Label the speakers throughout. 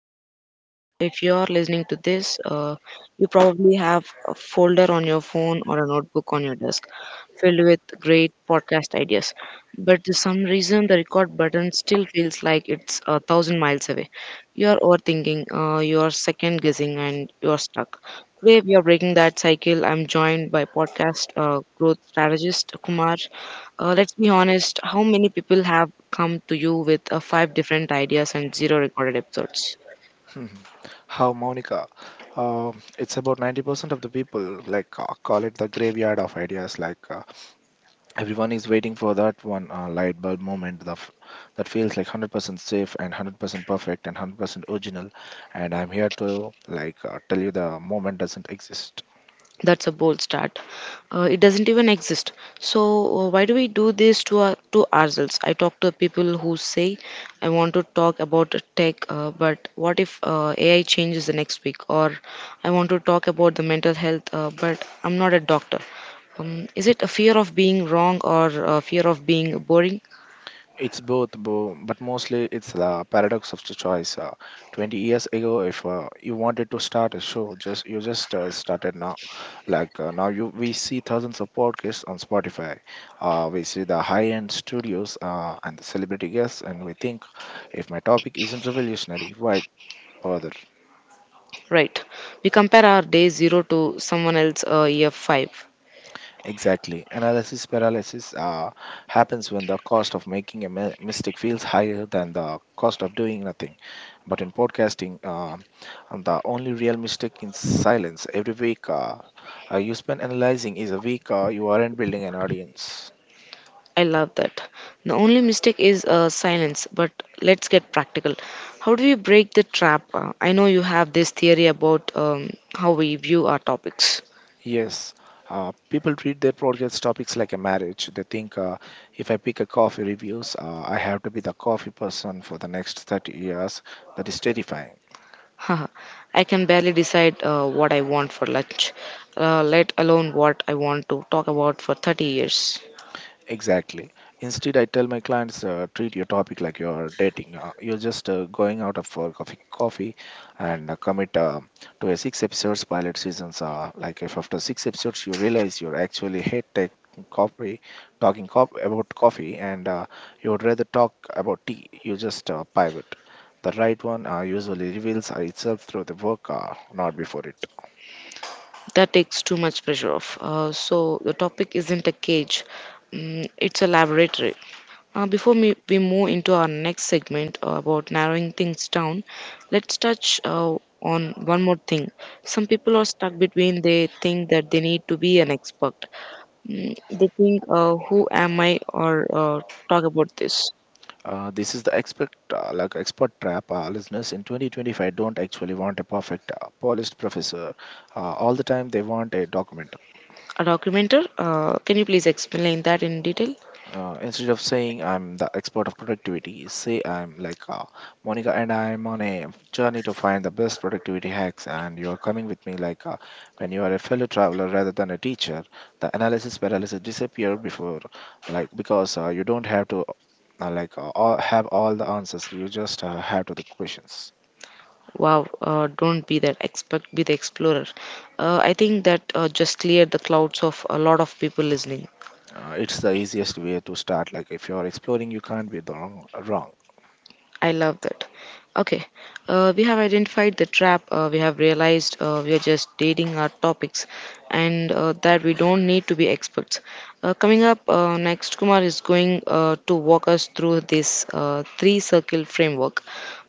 Speaker 1: host, Monica. If you are listening to this, you probably have a folder on your phone or a notebook on your desk filled with great podcast ideas. But to some reason, the record button still feels like it's a thousand miles away. You are overthinking, you are second guessing, and you are stuck. Today, we are breaking that cycle. I'm joined by podcast growth strategist Kumar. Let's be honest, how many people have come to you with five different ideas and zero recorded episodes?
Speaker 2: Hmm. How Monica? It's about 90% of the people, call it the graveyard of ideas. Everyone is waiting for that one light bulb moment that feels like 100% safe and 100% perfect and 100% original. And I'm here to tell you the moment doesn't exist.
Speaker 1: That's a bold start. It doesn't even exist. So why do we do this to to ourselves? I talk to people who say I want to talk about tech, but what if AI changes the next week? Or I want to talk about the mental health, but I'm not a doctor. Is it a fear of being wrong or a fear of being boring?
Speaker 2: It's both, but mostly it's the paradox of the choice. 20 years ago, if you wanted to start a show, just you just started now. Now, you we see thousands of podcasts on Spotify. We see the high-end studios and the celebrity guests, and we think, if my topic isn't revolutionary, why bother?
Speaker 1: Right. We compare our day zero to someone else year five.
Speaker 2: Exactly. Analysis paralysis happens when the cost of making a mistake feels higher than the cost of doing nothing. But in podcasting, and the only real mistake is silence. Every week you spend analyzing is a week you aren't building an audience.
Speaker 1: I love that. The only mistake is silence, but let's get practical. How do we break the trap? I know you have this theory about how we view our topics.
Speaker 2: Yes. People treat their podcast topics like a marriage. They think, if I pick a coffee reviews, I have to be the coffee person for the next 30 years. That is terrifying.
Speaker 1: Haha, I can barely decide what I want for lunch, let alone what I want to talk about for 30 years.
Speaker 2: Exactly. Instead, I tell my clients, treat your topic like you're dating. You're just going out of for coffee, and commit to a six episodes pilot seasons. Like if after six episodes you realize you're actually hate tech coffee, talking cop about coffee, and you would rather talk about tea, you just pivot. The right one usually reveals itself through the work, not before it.
Speaker 1: That takes too much pressure off. So, the topic isn't a cage, mm, it's a laboratory. Before me, we move into our next segment about narrowing things down, let's touch on one more thing. Some people are stuck between they think that they need to be an expert. Mm, they think, who am I, or talk about this.
Speaker 2: This is the expert trap. Listeners in 2025 don't actually want a perfect polished professor all the time. They want a document.
Speaker 1: A documenter, can you please explain that in detail?
Speaker 2: Instead of saying I'm the expert of productivity, say I'm Monica and I'm on a journey to find the best productivity hacks and you are coming with me. When you are a fellow traveler rather than a teacher, the analysis paralysis disappear. Before, like because you don't have to have all the answers, you just have to the questions.
Speaker 1: Wow, don't be that expert, be the explorer. I think that just cleared the clouds of a lot of people listening.
Speaker 2: It's the easiest way to start. Like, if you're exploring you can't be the wrong.
Speaker 1: I love that. Okay, we have identified the trap. We have realized we are just dating our topics, and that we don't need to be experts. Coming up next, Kumar is going to walk us through this three circle framework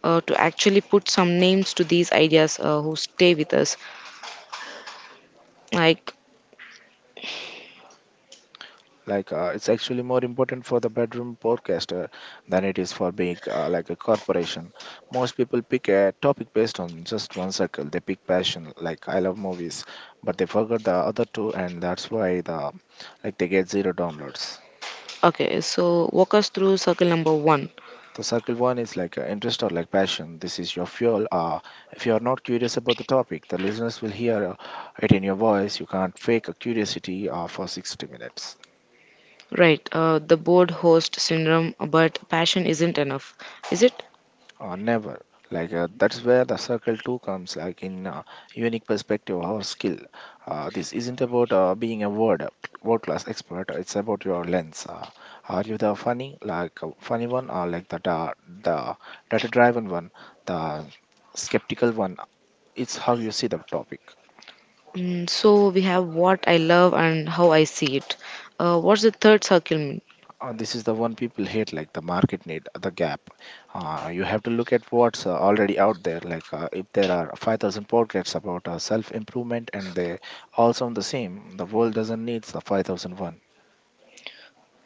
Speaker 1: to actually put some names to these ideas who stay with us. Like,
Speaker 2: It's actually more important for the bedroom podcaster than it is for big, like a corporation. Most people pick a topic based on just one circle. They pick passion, like I love movies, but they forget the other two, and that's why they get zero downloads.
Speaker 1: okay, so walk us through circle number one.
Speaker 2: The circle one is interest or like passion. This is your fuel. If you are not curious about the topic, the listeners will hear it in your voice. You can't fake a curiosity for 60 minutes.
Speaker 1: Right, the bored host syndrome, but passion isn't enough, is it?
Speaker 2: Never. That's where the circle two comes, like in unique perspective or skill. This isn't about being a word world class expert. It's about your lens. Are you the funny, funny one, or like the data driven one, the skeptical one? It's how you see the topic.
Speaker 1: Mm, so we have what I love and how I see it. What's the third circle mean?
Speaker 2: This is the one people hate, like the market need, the gap. You have to look at what's already out there. If there are 5,000 podcasts about self-improvement and they all sound the same, the world doesn't need the 5,001.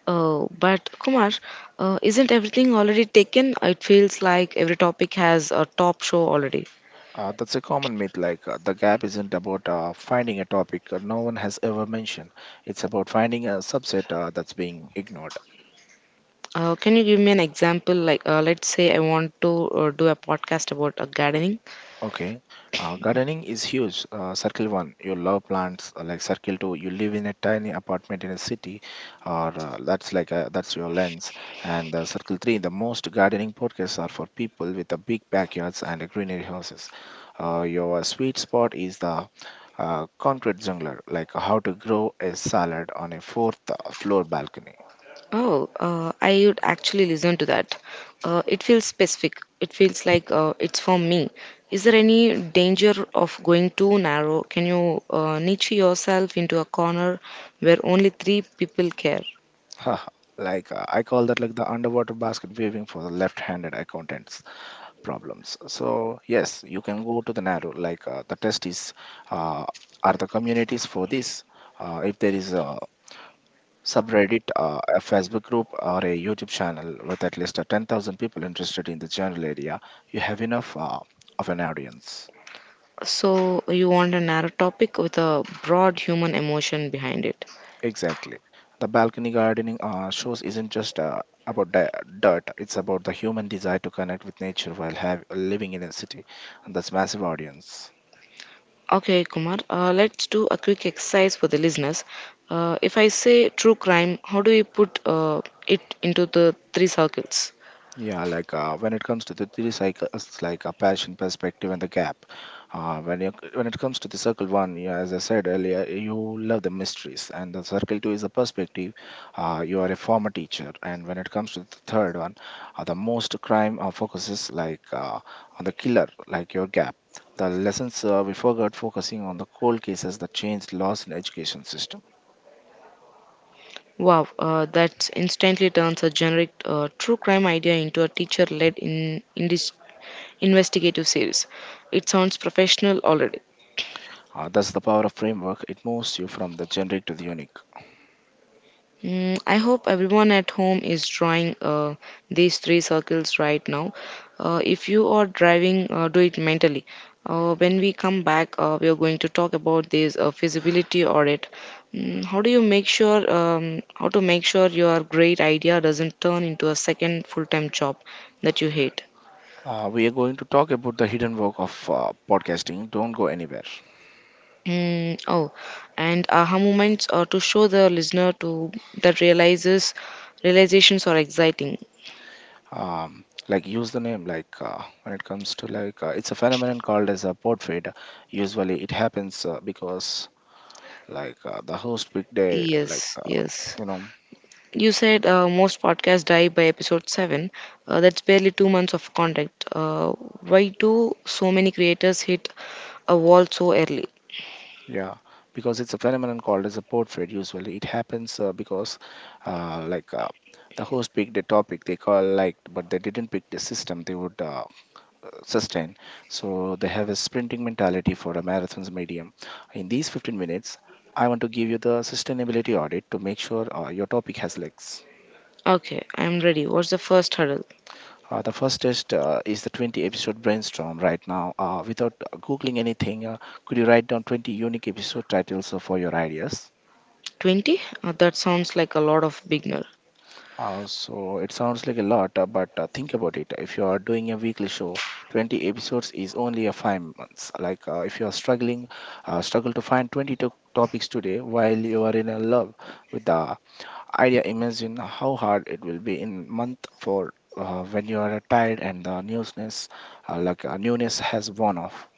Speaker 1: But Kumar, isn't everything already taken? It feels like every topic has a top show already.
Speaker 2: That's a common myth. The gap isn't about finding a topic no one has ever mentioned. It's about finding a subset that's being ignored.
Speaker 1: Can you give me an example? Like, let's say I want to do a podcast about gardening.
Speaker 2: Okay. Gardening is huge. Circle one, you love plants. Like circle two, you live in a tiny apartment in a city, or that's your lens. And circle three, the most gardening podcasts are for people with the big backyards and greenery houses. Your sweet spot is the concrete jungler, like how to grow a salad on a fourth floor balcony.
Speaker 1: Oh, I would actually listen to that. It feels specific. It feels like it's for me. Is there any danger of going too narrow? Can you niche yourself into a corner where only three people care?
Speaker 2: I call that like the underwater basket weaving for the left-handed accountants problems. So yes, you can go to the narrow. The test is, uh, are the communities for this? If there is a subreddit, a Facebook group, or a YouTube channel with at least 10,000 people interested in the general area, you have enough of an audience.
Speaker 1: So you want a narrow topic with a broad human emotion behind it.
Speaker 2: Exactly. The balcony gardening shows isn't just about dirt; it's about the human desire to connect with nature while living in a city, and that's massive audience.
Speaker 1: Okay, Kumar, let's do a quick exercise for the listeners. If I say true crime, how do we put it into the three circles?
Speaker 2: Yeah, when it comes to the three cycles, like a passion, perspective, and the gap. When it comes to the circle one, yeah, as I said earlier, you love the mysteries, and the circle two is the perspective. You are a former teacher, and when it comes to the third one, the most crime focuses on the killer, like your gap. The lessons we forgot focusing on the cold cases that changed laws in education system.
Speaker 1: Wow, that instantly turns a generic true crime idea into a teacher led in this investigative series. It sounds professional already.
Speaker 2: That's the power of framework. It moves you from the generic to the unique.
Speaker 1: Mm, I hope everyone at home is drawing these three circles right now. If you are driving, do it mentally. When we come back, we are going to talk about this feasibility audit. How do you make sure how to make sure your great idea doesn't turn into a second full-time job that you hate?
Speaker 2: We are going to talk about the hidden work of podcasting. Don't go anywhere.
Speaker 1: Mm, oh, and aha moments to show the listener to that realizes realizations are exciting.
Speaker 2: Like use the name. Like when it comes to like It's a phenomenon called as a pod fade. Usually it happens because like the host picked a Like
Speaker 1: Yes, yes.
Speaker 2: you know
Speaker 1: You said most podcasts die by episode seven. That's barely 2 months of content. Why do so many creators hit a wall so early?
Speaker 2: yeah, because it's a phenomenon called as a pod fade. Usually it happens, because uh, like. Uh, the host picked a topic they call liked, but they didn't pick the system they would sustain. So they have a sprinting mentality for a marathon's medium. In these 15 minutes, I want to give you the sustainability audit to make sure your topic has legs.
Speaker 1: Okay, I'm ready. What's the first hurdle?
Speaker 2: The first test is the 20 episode brainstorm right now. Without googling anything, could you write down 20 unique episode titles for your ideas?
Speaker 1: 20? That sounds like a lot of beginners.
Speaker 2: So it sounds like a lot, but think about it. If you are doing a weekly show, 20 episodes is only a 5 months. If you are struggling, struggle to find 20 topics today while you are in a love with the idea, imagine how hard it will be in month for when you are tired and the newness, newness has worn off.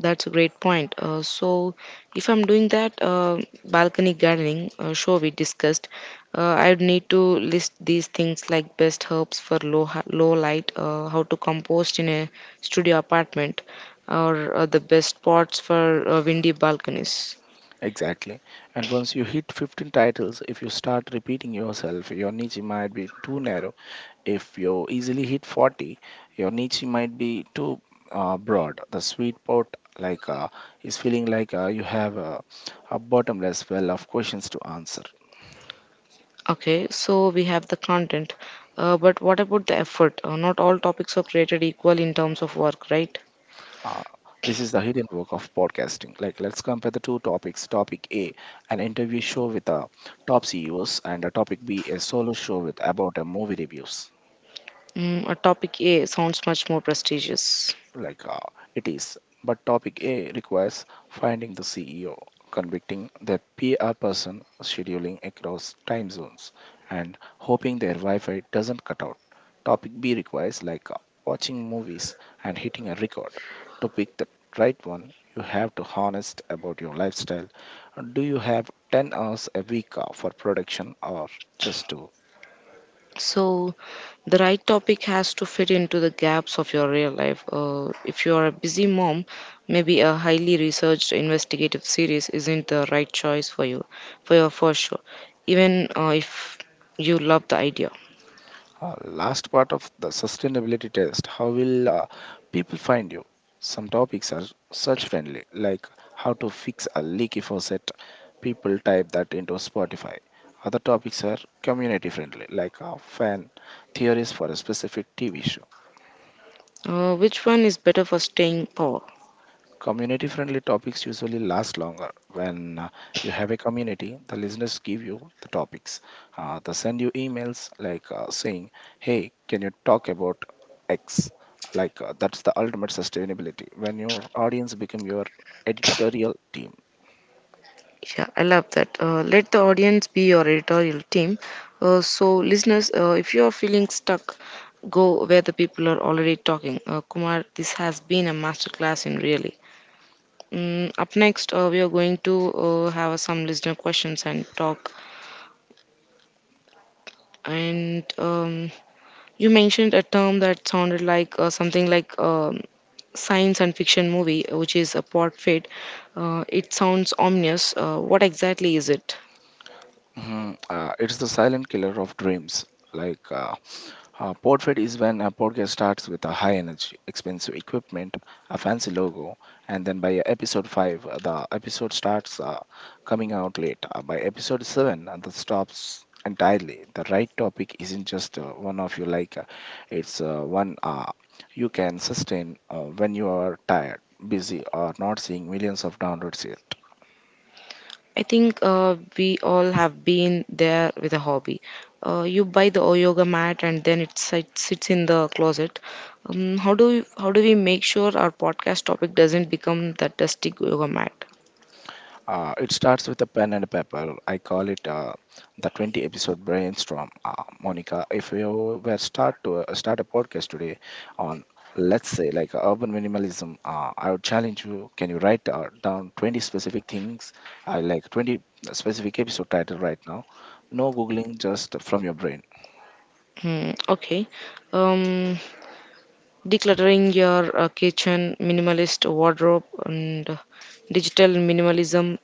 Speaker 1: That's a great point. So, if I'm doing that balcony gardening show we discussed, I'd need to list these things like best herbs for low light, how to compost in a studio apartment, or the best pots for windy balconies.
Speaker 2: Exactly. And once you hit 15 titles, if you start repeating yourself, your niche might be too narrow. If you easily hit 40, your niche might be too broad. The sweet spot like uh, is feeling like you have a bottomless well of questions to answer.
Speaker 1: Okay, so we have the content, but what about the effort? Not all topics are created equal in terms of work, right?
Speaker 2: Uh, this is the hidden work of podcasting. Like, let's compare the two topics. Topic A, an interview show with top CEOs, and topic B, a solo show with about movie reviews.
Speaker 1: Mm, topic A sounds much more prestigious.
Speaker 2: like uh, it is. But topic A requires finding the CEO, convicting their PR person, scheduling across time zones, and hoping their Wi-Fi doesn't cut out. Topic B requires watching movies and hitting a record. To pick the right one, you have to honest about your lifestyle. Do you have 10 hours a week for production or just to.
Speaker 1: So, the right topic has to fit into the gaps of your real life. If you are a busy mom, maybe a highly researched investigative series isn't the right choice for you, for your first show, even if you love the idea.
Speaker 2: Last part of the sustainability test, how will people find you? Some topics are search friendly, like how to fix a leaky faucet. People type that into Spotify. Other topics are community friendly, like a fan theories for a specific TV show.
Speaker 1: Which one is better for staying power?
Speaker 2: Community friendly topics usually last longer. When you have a community, the listeners give you the topics. They send you emails saying, hey, can you talk about X? That's the ultimate sustainability, when your audience become your editorial team.
Speaker 1: Yeah, I love that. Let the audience be your editorial team. So, listeners, if you are feeling stuck, go where the people are already talking. Kumar, this has been a masterclass in really. Mm, up next, we are going to have some listener questions and talk. And you mentioned a term that sounded like something like science and fiction movie, which is a pot fit. It sounds ominous. What exactly is it?
Speaker 2: Mhm. It's the silent killer of dreams. Like uh, Portrait is when a podcast starts with a high energy, expensive equipment, a fancy logo, and then by episode 5, the episode starts coming out late. By episode 7, the stops entirely. The right topic isn't just one of you like, it's one you can sustain when you are tired, busy, or not seeing millions of downloads yet.
Speaker 1: I think we all have been there with a hobby. You buy the yoga mat and then it sits in the closet. How do we make sure our podcast topic doesn't become that dusty yoga mat?
Speaker 2: It starts with a pen and a paper. I call it the 20 episode brainstorm. Monica, if you were start a podcast today on, let's say, like urban minimalism, I would challenge you. Can you write down 20 specific things? I like 20 specific episode title right now. No googling, just from your brain.
Speaker 1: Mm, okay. Um, Decluttering your kitchen, minimalist wardrobe, and digital minimalism.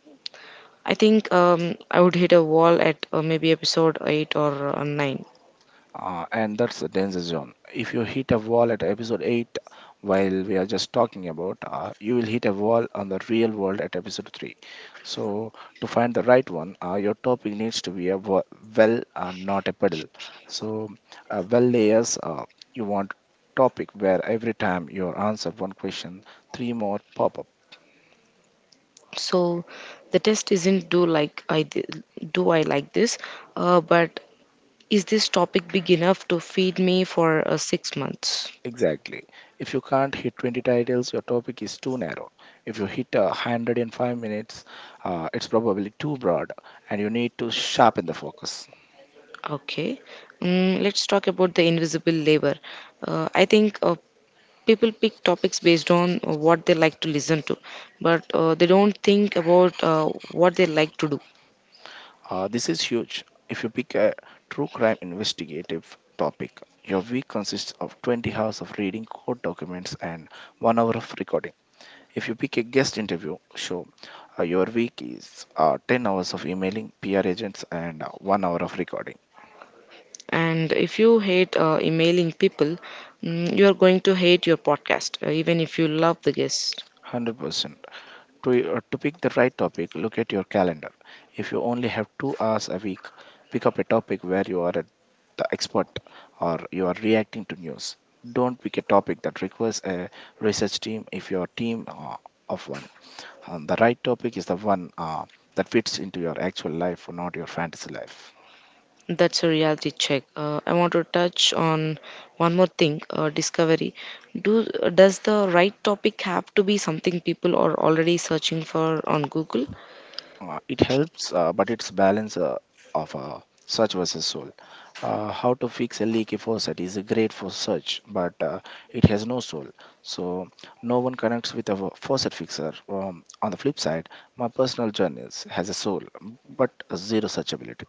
Speaker 1: I think I would hit a wall at maybe episode 8 or 9.
Speaker 2: And that's the danger zone. If you hit a wall at episode 8, while we are just talking about, you will hit a wall on the real world at episode 3. So, to find the right one, your topic needs to be a not a pedal. So, layers, you want topic where every time you answer one question, three more pop up.
Speaker 1: So the test isn't do I like this, but is this topic big enough to feed me for 6 months?
Speaker 2: Exactly. If you can't hit 20 titles, your topic is too narrow. If you hit a 100 in 5 minutes, it's probably too broad and you need to sharpen the focus.
Speaker 1: Okay. Mm, let's talk about the invisible labor. I think people pick topics based on what they like to listen to but they don't think about what they like to do.
Speaker 2: This is huge. If you pick a true crime investigative topic, your week consists of 20 hours of reading court documents and 1 hour of recording. If you pick a guest interview show, your week is 10 hours of emailing PR agents and 1 hour of recording.
Speaker 1: And if you hate emailing people, mm, you are going to hate your podcast even if you love the guest.
Speaker 2: 100%. To pick the right topic, look at your calendar. If you only have 2 hours a week, pick up a topic where you are the expert or you are reacting to news. Don't pick a topic that requires a research team if your team of one. The right topic is the one that fits into your actual life, not your fantasy life.
Speaker 1: That's a reality check. I want to touch on one more thing, discovery. Do Does the right topic have to be something people are already searching for on Google?
Speaker 2: It helps, but it's balance of search versus soul. How to fix a leaky faucet is great for search, but it has no soul. So no one connects with a faucet fixer. On the flip side, my personal journeys has a soul, but a zero searchability.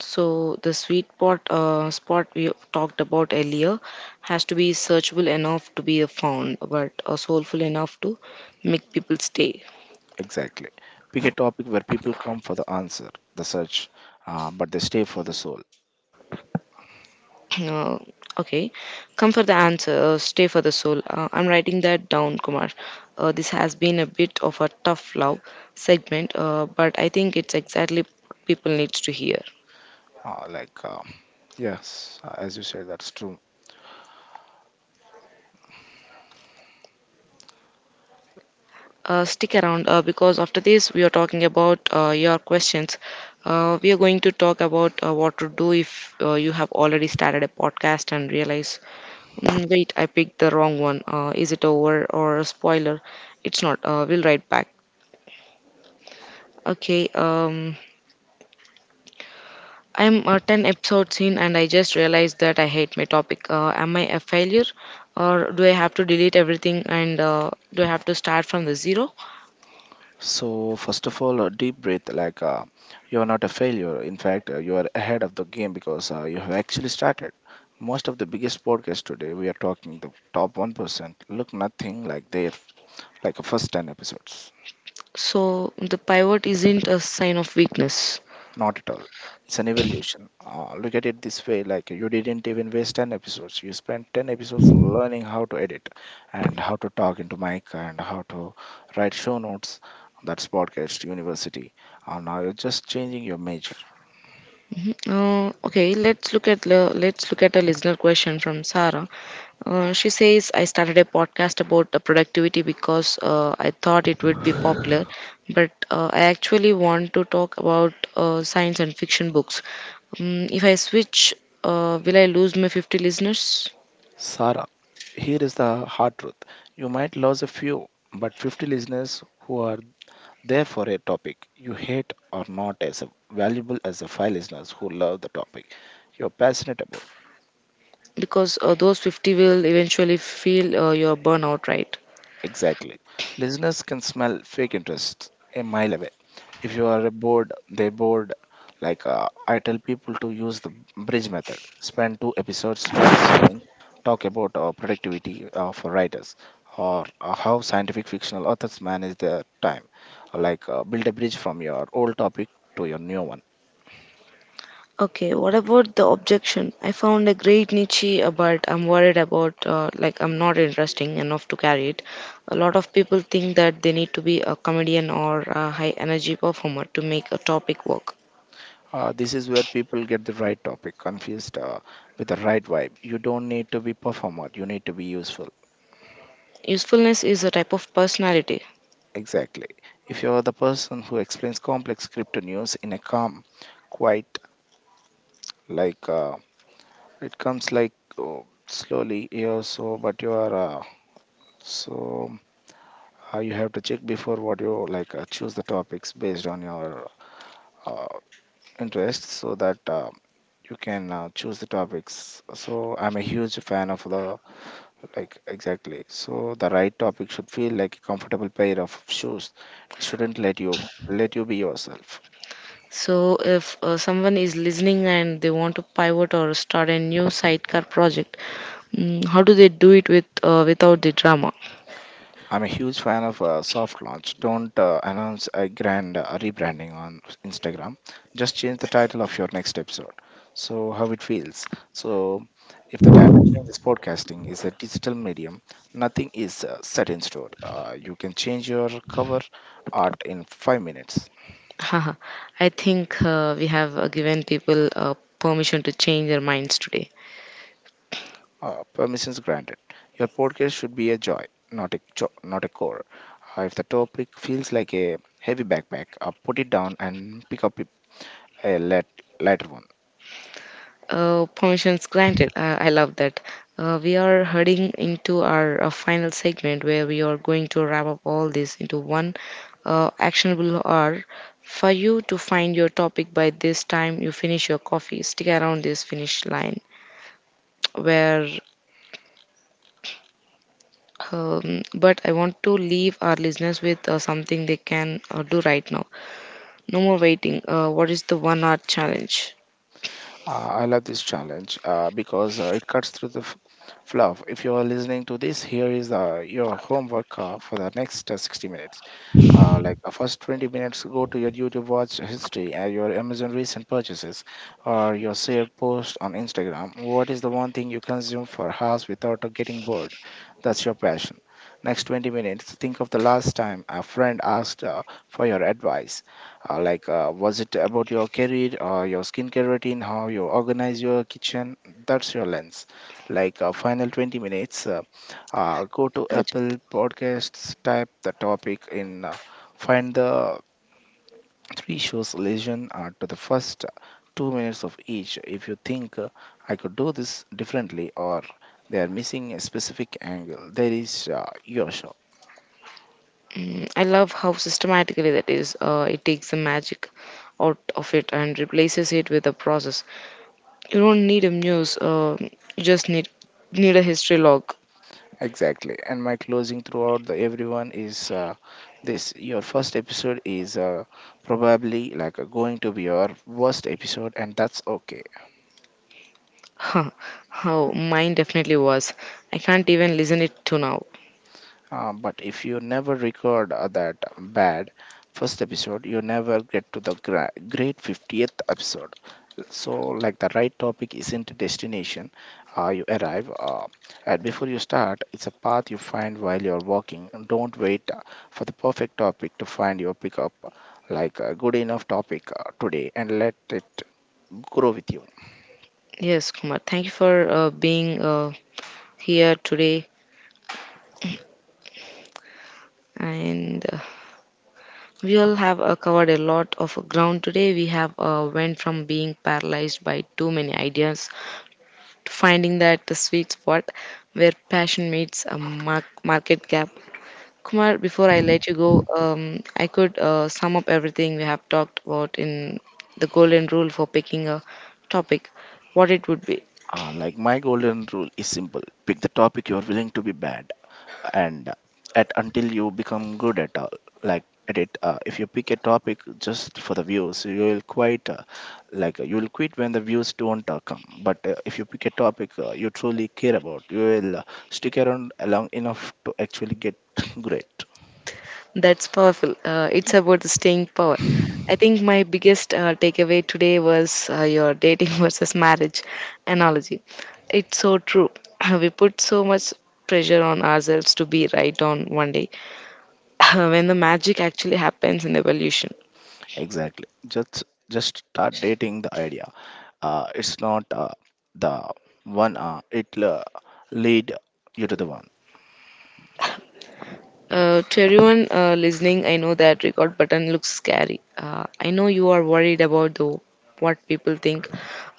Speaker 1: So the sweet spot spot we talked about earlier has to be searchable enough to be found, but soulful enough to make people stay.
Speaker 2: Exactly. Pick a topic where people come for the answer, the search, but they stay for the soul.
Speaker 1: Uh, okay, come for the answer. Stay for the soul. I'm writing that down, Kumar. This has been a bit of a tough love segment, but I think it's exactly what people needs to hear.
Speaker 2: Uh, like uh, yes, as you said, that's true.
Speaker 1: Stick around because after this, we are talking about your questions. We are going to talk about what to do if you have already started a podcast and realize, mm, wait, I picked the wrong one. Is it over or a spoiler? It's not. We'll write back. Okay. I'm 10 episodes in and I just realized that I hate my topic. Am I a failure or do I have to delete everything and do I have to start from the zero?
Speaker 2: So, first of all, a deep breath you are not a failure. In fact, you are ahead of the game because you have actually started. Most of the biggest podcasts today, we are talking the top 1%, look nothing like their like a first 10 episodes.
Speaker 1: So the pivot isn't a sign of weakness.
Speaker 2: Not at all. It's an evolution. Look at it this way like you didn't even waste 10 episodes. You spent 10 episodes learning how to edit and how to talk into mic and how to write show notes. That's podcast university. And now you're just changing your major.
Speaker 1: Let's look at a listener question from Sarah. She says, "I started a podcast about the productivity because I thought it would be popular, but I actually want to talk about science and fiction books. If I switch, will I lose my 50 listeners?
Speaker 2: Sarah, here is the hard truth. You might lose a few, but 50 listeners who are there for a topic you hate are not as valuable as the five listeners who love the topic you're passionate about.
Speaker 1: Because those 50 will eventually feel your burnout, right?"
Speaker 2: Exactly. Listeners can smell fake interest a mile away. If you are bored, they bored. I tell people to use the bridge method. Spend two episodes transitioning, talk about productivity for writers or how scientific fictional authors manage their time. Build a bridge from your old topic to your new one.
Speaker 1: Okay, what about the objection? I found a great niche, but I'm worried about I'm not interesting enough to carry it. A lot of people think that they need to be a comedian or a high energy performer to make a topic work.
Speaker 2: This is where people get the right topic confused with the right vibe. You don't need to be performer. You need to be useful.
Speaker 1: Usefulness is a type of personality.
Speaker 2: Exactly. If you're the person who explains complex crypto news in a calm, quiet, like uh, it comes slowly, yeah. So, but you are so you have to check before what you like choose the topics based on your uh, interest, so that you can choose the topics. So, I'm a huge fan of the like exactly. So, the right topic should feel like a comfortable pair of shoes. It shouldn't let you be yourself.
Speaker 1: So if someone is listening and they want to pivot or start a new sidecar project, mm, how do they do it with without the drama?
Speaker 2: I'm a huge fan of soft launch. Don't announce a grand rebranding on Instagram. Just change the title of your next episode. So, how it feels. So, if the data changes podcasting is a digital medium, nothing is set in stone. You can change your cover art in 5 minutes.
Speaker 1: Haha, I think we have given people permission to change their minds today.
Speaker 2: Permissions granted. Your podcast should be a joy, not a not a chore. If the topic feels like a heavy backpack, put it down and pick up a light, lighter one.
Speaker 1: Permissions granted. I love that. We are heading into our final segment where we are going to wrap up all this into one actionable hour for you to find your topic by this time you finish your coffee. Stick around this finish line where. But I want to leave our listeners with something they can do right now. No more waiting. What is the 1 hour challenge?
Speaker 2: Uh, I love this challenge because it cuts through the fluff. If you are listening to this, here is your homework for the next 60 minutes. First 20 minutes, go to your YouTube watch history and your Amazon recent purchases or your shared post on Instagram. What is the one thing you consume for hours without getting bored? That's your passion. Next 20 minutes, think of the last time a friend asked for your advice. Was it about your career or your skincare routine, how you organize your kitchen? That's your lens. Final 20 minutes, go to
Speaker 1: That-
Speaker 2: Apple Podcasts, type the topic in, find the three shows lesion to the first 2 minutes of each. If you think I could do this differently or they are missing a specific angle, there is your show.
Speaker 1: Mm, I love how systematically that is. It takes the magic out of it and replaces it with a process. You don't need a muse. You just need a history log.
Speaker 2: Exactly. And my closing throughout the everyone is this your first episode is probably going to be your worst episode and that's okay.
Speaker 1: Huh, how mine definitely was. I can't even listen it to now.
Speaker 2: But if you never record that bad first episode, you never get to the great 50th episode. So, like the right topic isn't a destination you arrive at before you start, it's a path you find while you're walking. And don't wait for the perfect topic to find your pickup, like a good enough topic today, and let it grow with you.
Speaker 1: Yes, Kumar. Thank you for being here today and we all have covered a lot of ground today. We have went from being paralyzed by too many ideas to finding that the sweet spot where passion meets a market gap. Kumar, before I let you go, I could sum up everything we have talked about in the golden rule for picking a topic. What it would be?
Speaker 2: Like my golden rule is simple, pick the topic you're willing to be bad and at until you become good at all like at it, if you pick a topic just for the views you will quite, like you will quit when the views don't come, but if you pick a topic you truly care about you will stick around long enough to actually get great.
Speaker 1: That's powerful. It's about the staying power. I think my biggest takeaway today was your dating versus marriage analogy. It's so true. We put so much pressure on ourselves to be right on one day when the magic actually happens in the evolution.
Speaker 2: Exactly, just start dating the idea, it's not the one, it lead you to the one.
Speaker 1: To everyone listening, I know that record button looks scary. I know you are worried about the what people think,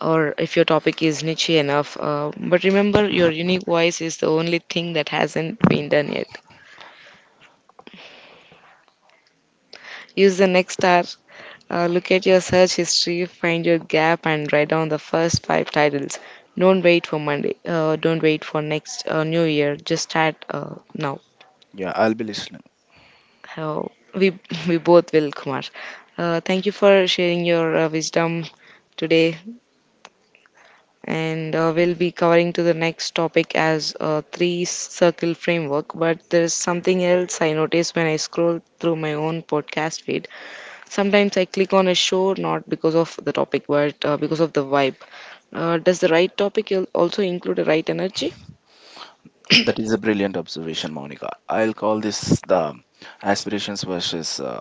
Speaker 1: or if your topic is niche enough. But remember, your unique voice is the only thing that hasn't been done yet. Use the next star. Look at your search history, find your gap, and write down the first five titles. Don't wait for Monday. Don't wait for next New Year. Just start now.
Speaker 2: Yeah, I'll be listening.
Speaker 1: Oh, we we both will, Kumar. Thank you for sharing your wisdom today, and we'll be covering to the next topic as a three circle framework. But there's something else I notice when I scroll through my own podcast feed. Sometimes I click on a show not because of the topic, but because of the vibe. Does the right topic also include the right energy?
Speaker 2: That is a brilliant observation, Monica. I'll call this the aspirations versus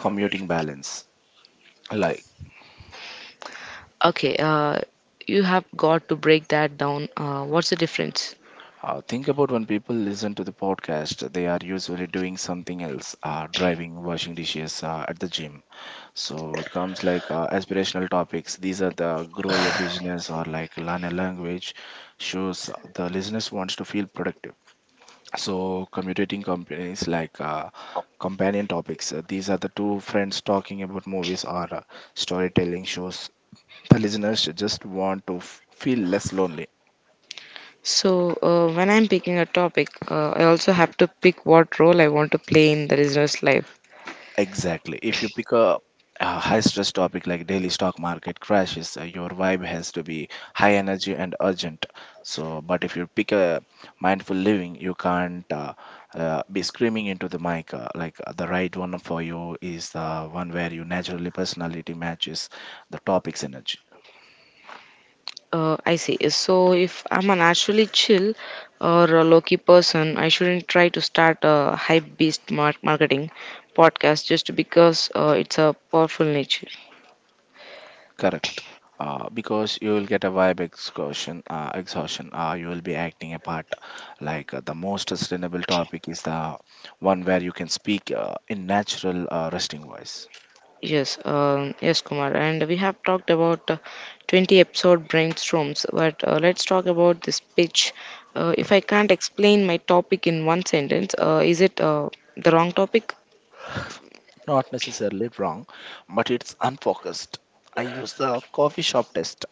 Speaker 2: commuting balance. Like,
Speaker 1: Okay, you have got to break that down. What's the difference?
Speaker 2: think about when people listen to the podcast, they are usually doing something else, driving, washing dishes, at the gym. So it comes aspirational topics. These are the grow your business or like learn a language shows the listeners wants to feel productive. So, commutating companies companion topics. These are the two friends talking about movies or storytelling shows. The listeners just want to feel less lonely.
Speaker 1: So, when I'm picking a topic, I also have to pick what role I want to play in the business life.
Speaker 2: Exactly. If you pick a high stress topic like daily stock market crashes, your vibe has to be high energy and urgent. So, but if you pick a mindful living, you can't be screaming into the mic. The right one for you is the one where your naturally personality matches the topic's energy.
Speaker 1: I see. So, if I'm a naturally chill or a low key person, I shouldn't try to start a hype beast marketing podcast just because it's a powerful niche.
Speaker 2: Correct. Because you will get a vibe exhaustion, exhaustion. You will be acting a part. The most sustainable topic is the one where you can speak in natural resting voice.
Speaker 1: Yes, yes, Kumar. And we have talked about 20 episode brainstorms, but let's talk about this pitch. If I can't explain my topic in one sentence, is it the wrong topic?
Speaker 2: Not necessarily wrong, but it's unfocused. I use the coffee shop test.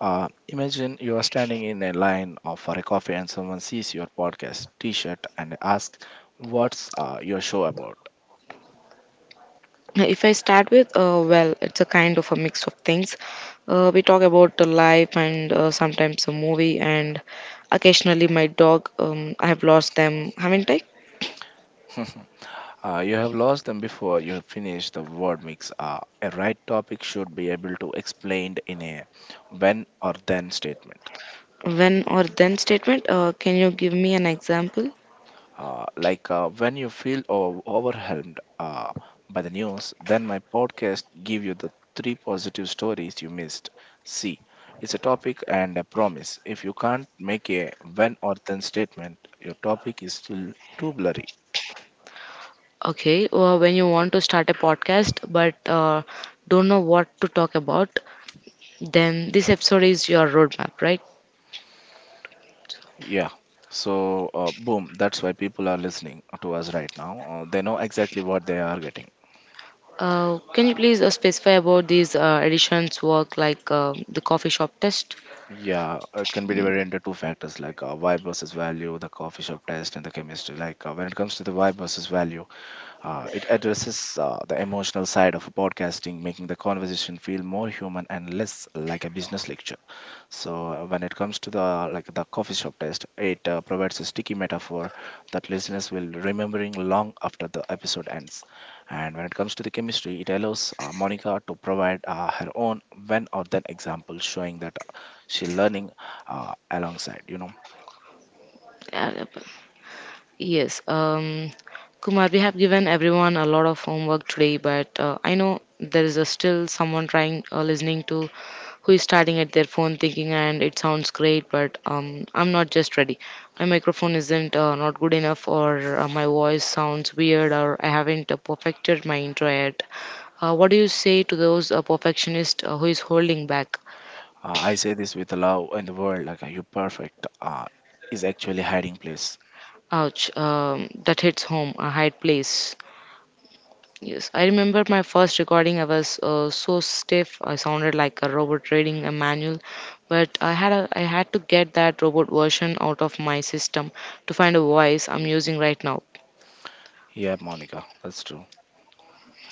Speaker 2: Imagine you are standing in a line of for a coffee and someone sees your podcast T-shirt and asks, "What's your show about?"
Speaker 1: If I start with, well, it's a kind of a mix of things. We talk about the life and sometimes a movie, and occasionally my dog. I have lost them, haven't I?
Speaker 2: You have lost them before you have finished the word mix. A right topic should be able to explained in a when or then statement.
Speaker 1: When or then statement. Can you give me an example?
Speaker 2: When you feel overwhelmed by the news, then my podcast give you the three positive stories you missed. See, it's a topic and a promise. If you can't make a when or then statement, your topic is still too blurry.
Speaker 1: Okay, well, when you want to start a podcast but don't know what to talk about, then this episode is your roadmap, right?
Speaker 2: Yeah. So, boom, that's why people are listening to us right now. They know exactly what they are getting.
Speaker 1: Can you please specify about these editions work like the coffee shop test?
Speaker 2: Yeah, it can be
Speaker 1: Mm,
Speaker 2: divided into two factors vibe versus value, the coffee shop test, and the chemistry. When it comes to the vibe versus value, it addresses the emotional side of podcasting, making the conversation feel more human and less like a business lecture. So when it comes to the like the coffee shop test, it provides a sticky metaphor that listeners will remembering long after the episode ends. And when it comes to the chemistry, it allows Monica to provide her own when or then example, showing that she learning alongside. You know,
Speaker 1: yeah, yes, Kumar, we have given everyone a lot of homework today, but I know there is a still someone trying listening to who is starting at their phone thinking, and it sounds great, but I'm not just ready. My microphone isn't not good enough, or my voice sounds weird, or I haven't perfected my intro yet. What do you say to those perfectionists who is holding back?
Speaker 2: I say this with love in the world, you perfect. Is actually hiding place.
Speaker 1: Ouch, that hits home, a hard place. Yes, I remember my first recording. I was so stiff. I sounded like a robot reading a manual, but I had to get that robot version out of my system to find a voice I'm using right now.
Speaker 2: Yeah, Monica, that's true.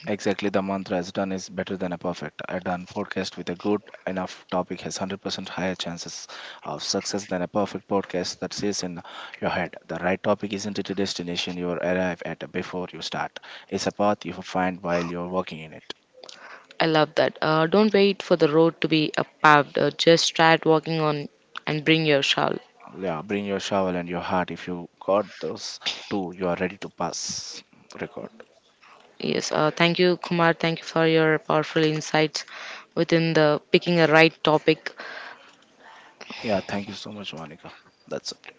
Speaker 2: Exactly, the mantra as done is better than a perfect. A done podcast with a good enough topic has 100% higher chances of success than a perfect podcast that says in your head. The right topic isn't it a destination you arrive at before you start, it's a path you find while you're walking in it.
Speaker 1: I love that. Don't wait for the road to be paved. Just start walking on and bring your shawl.
Speaker 2: Yeah, bring your shovel and your heart. If you got those two, you are ready to pass record.
Speaker 1: Yes, thank you, Kumar. Thank you for your powerful insights within the picking a right topic.
Speaker 2: Yeah, thank you so much, Monica. That's it.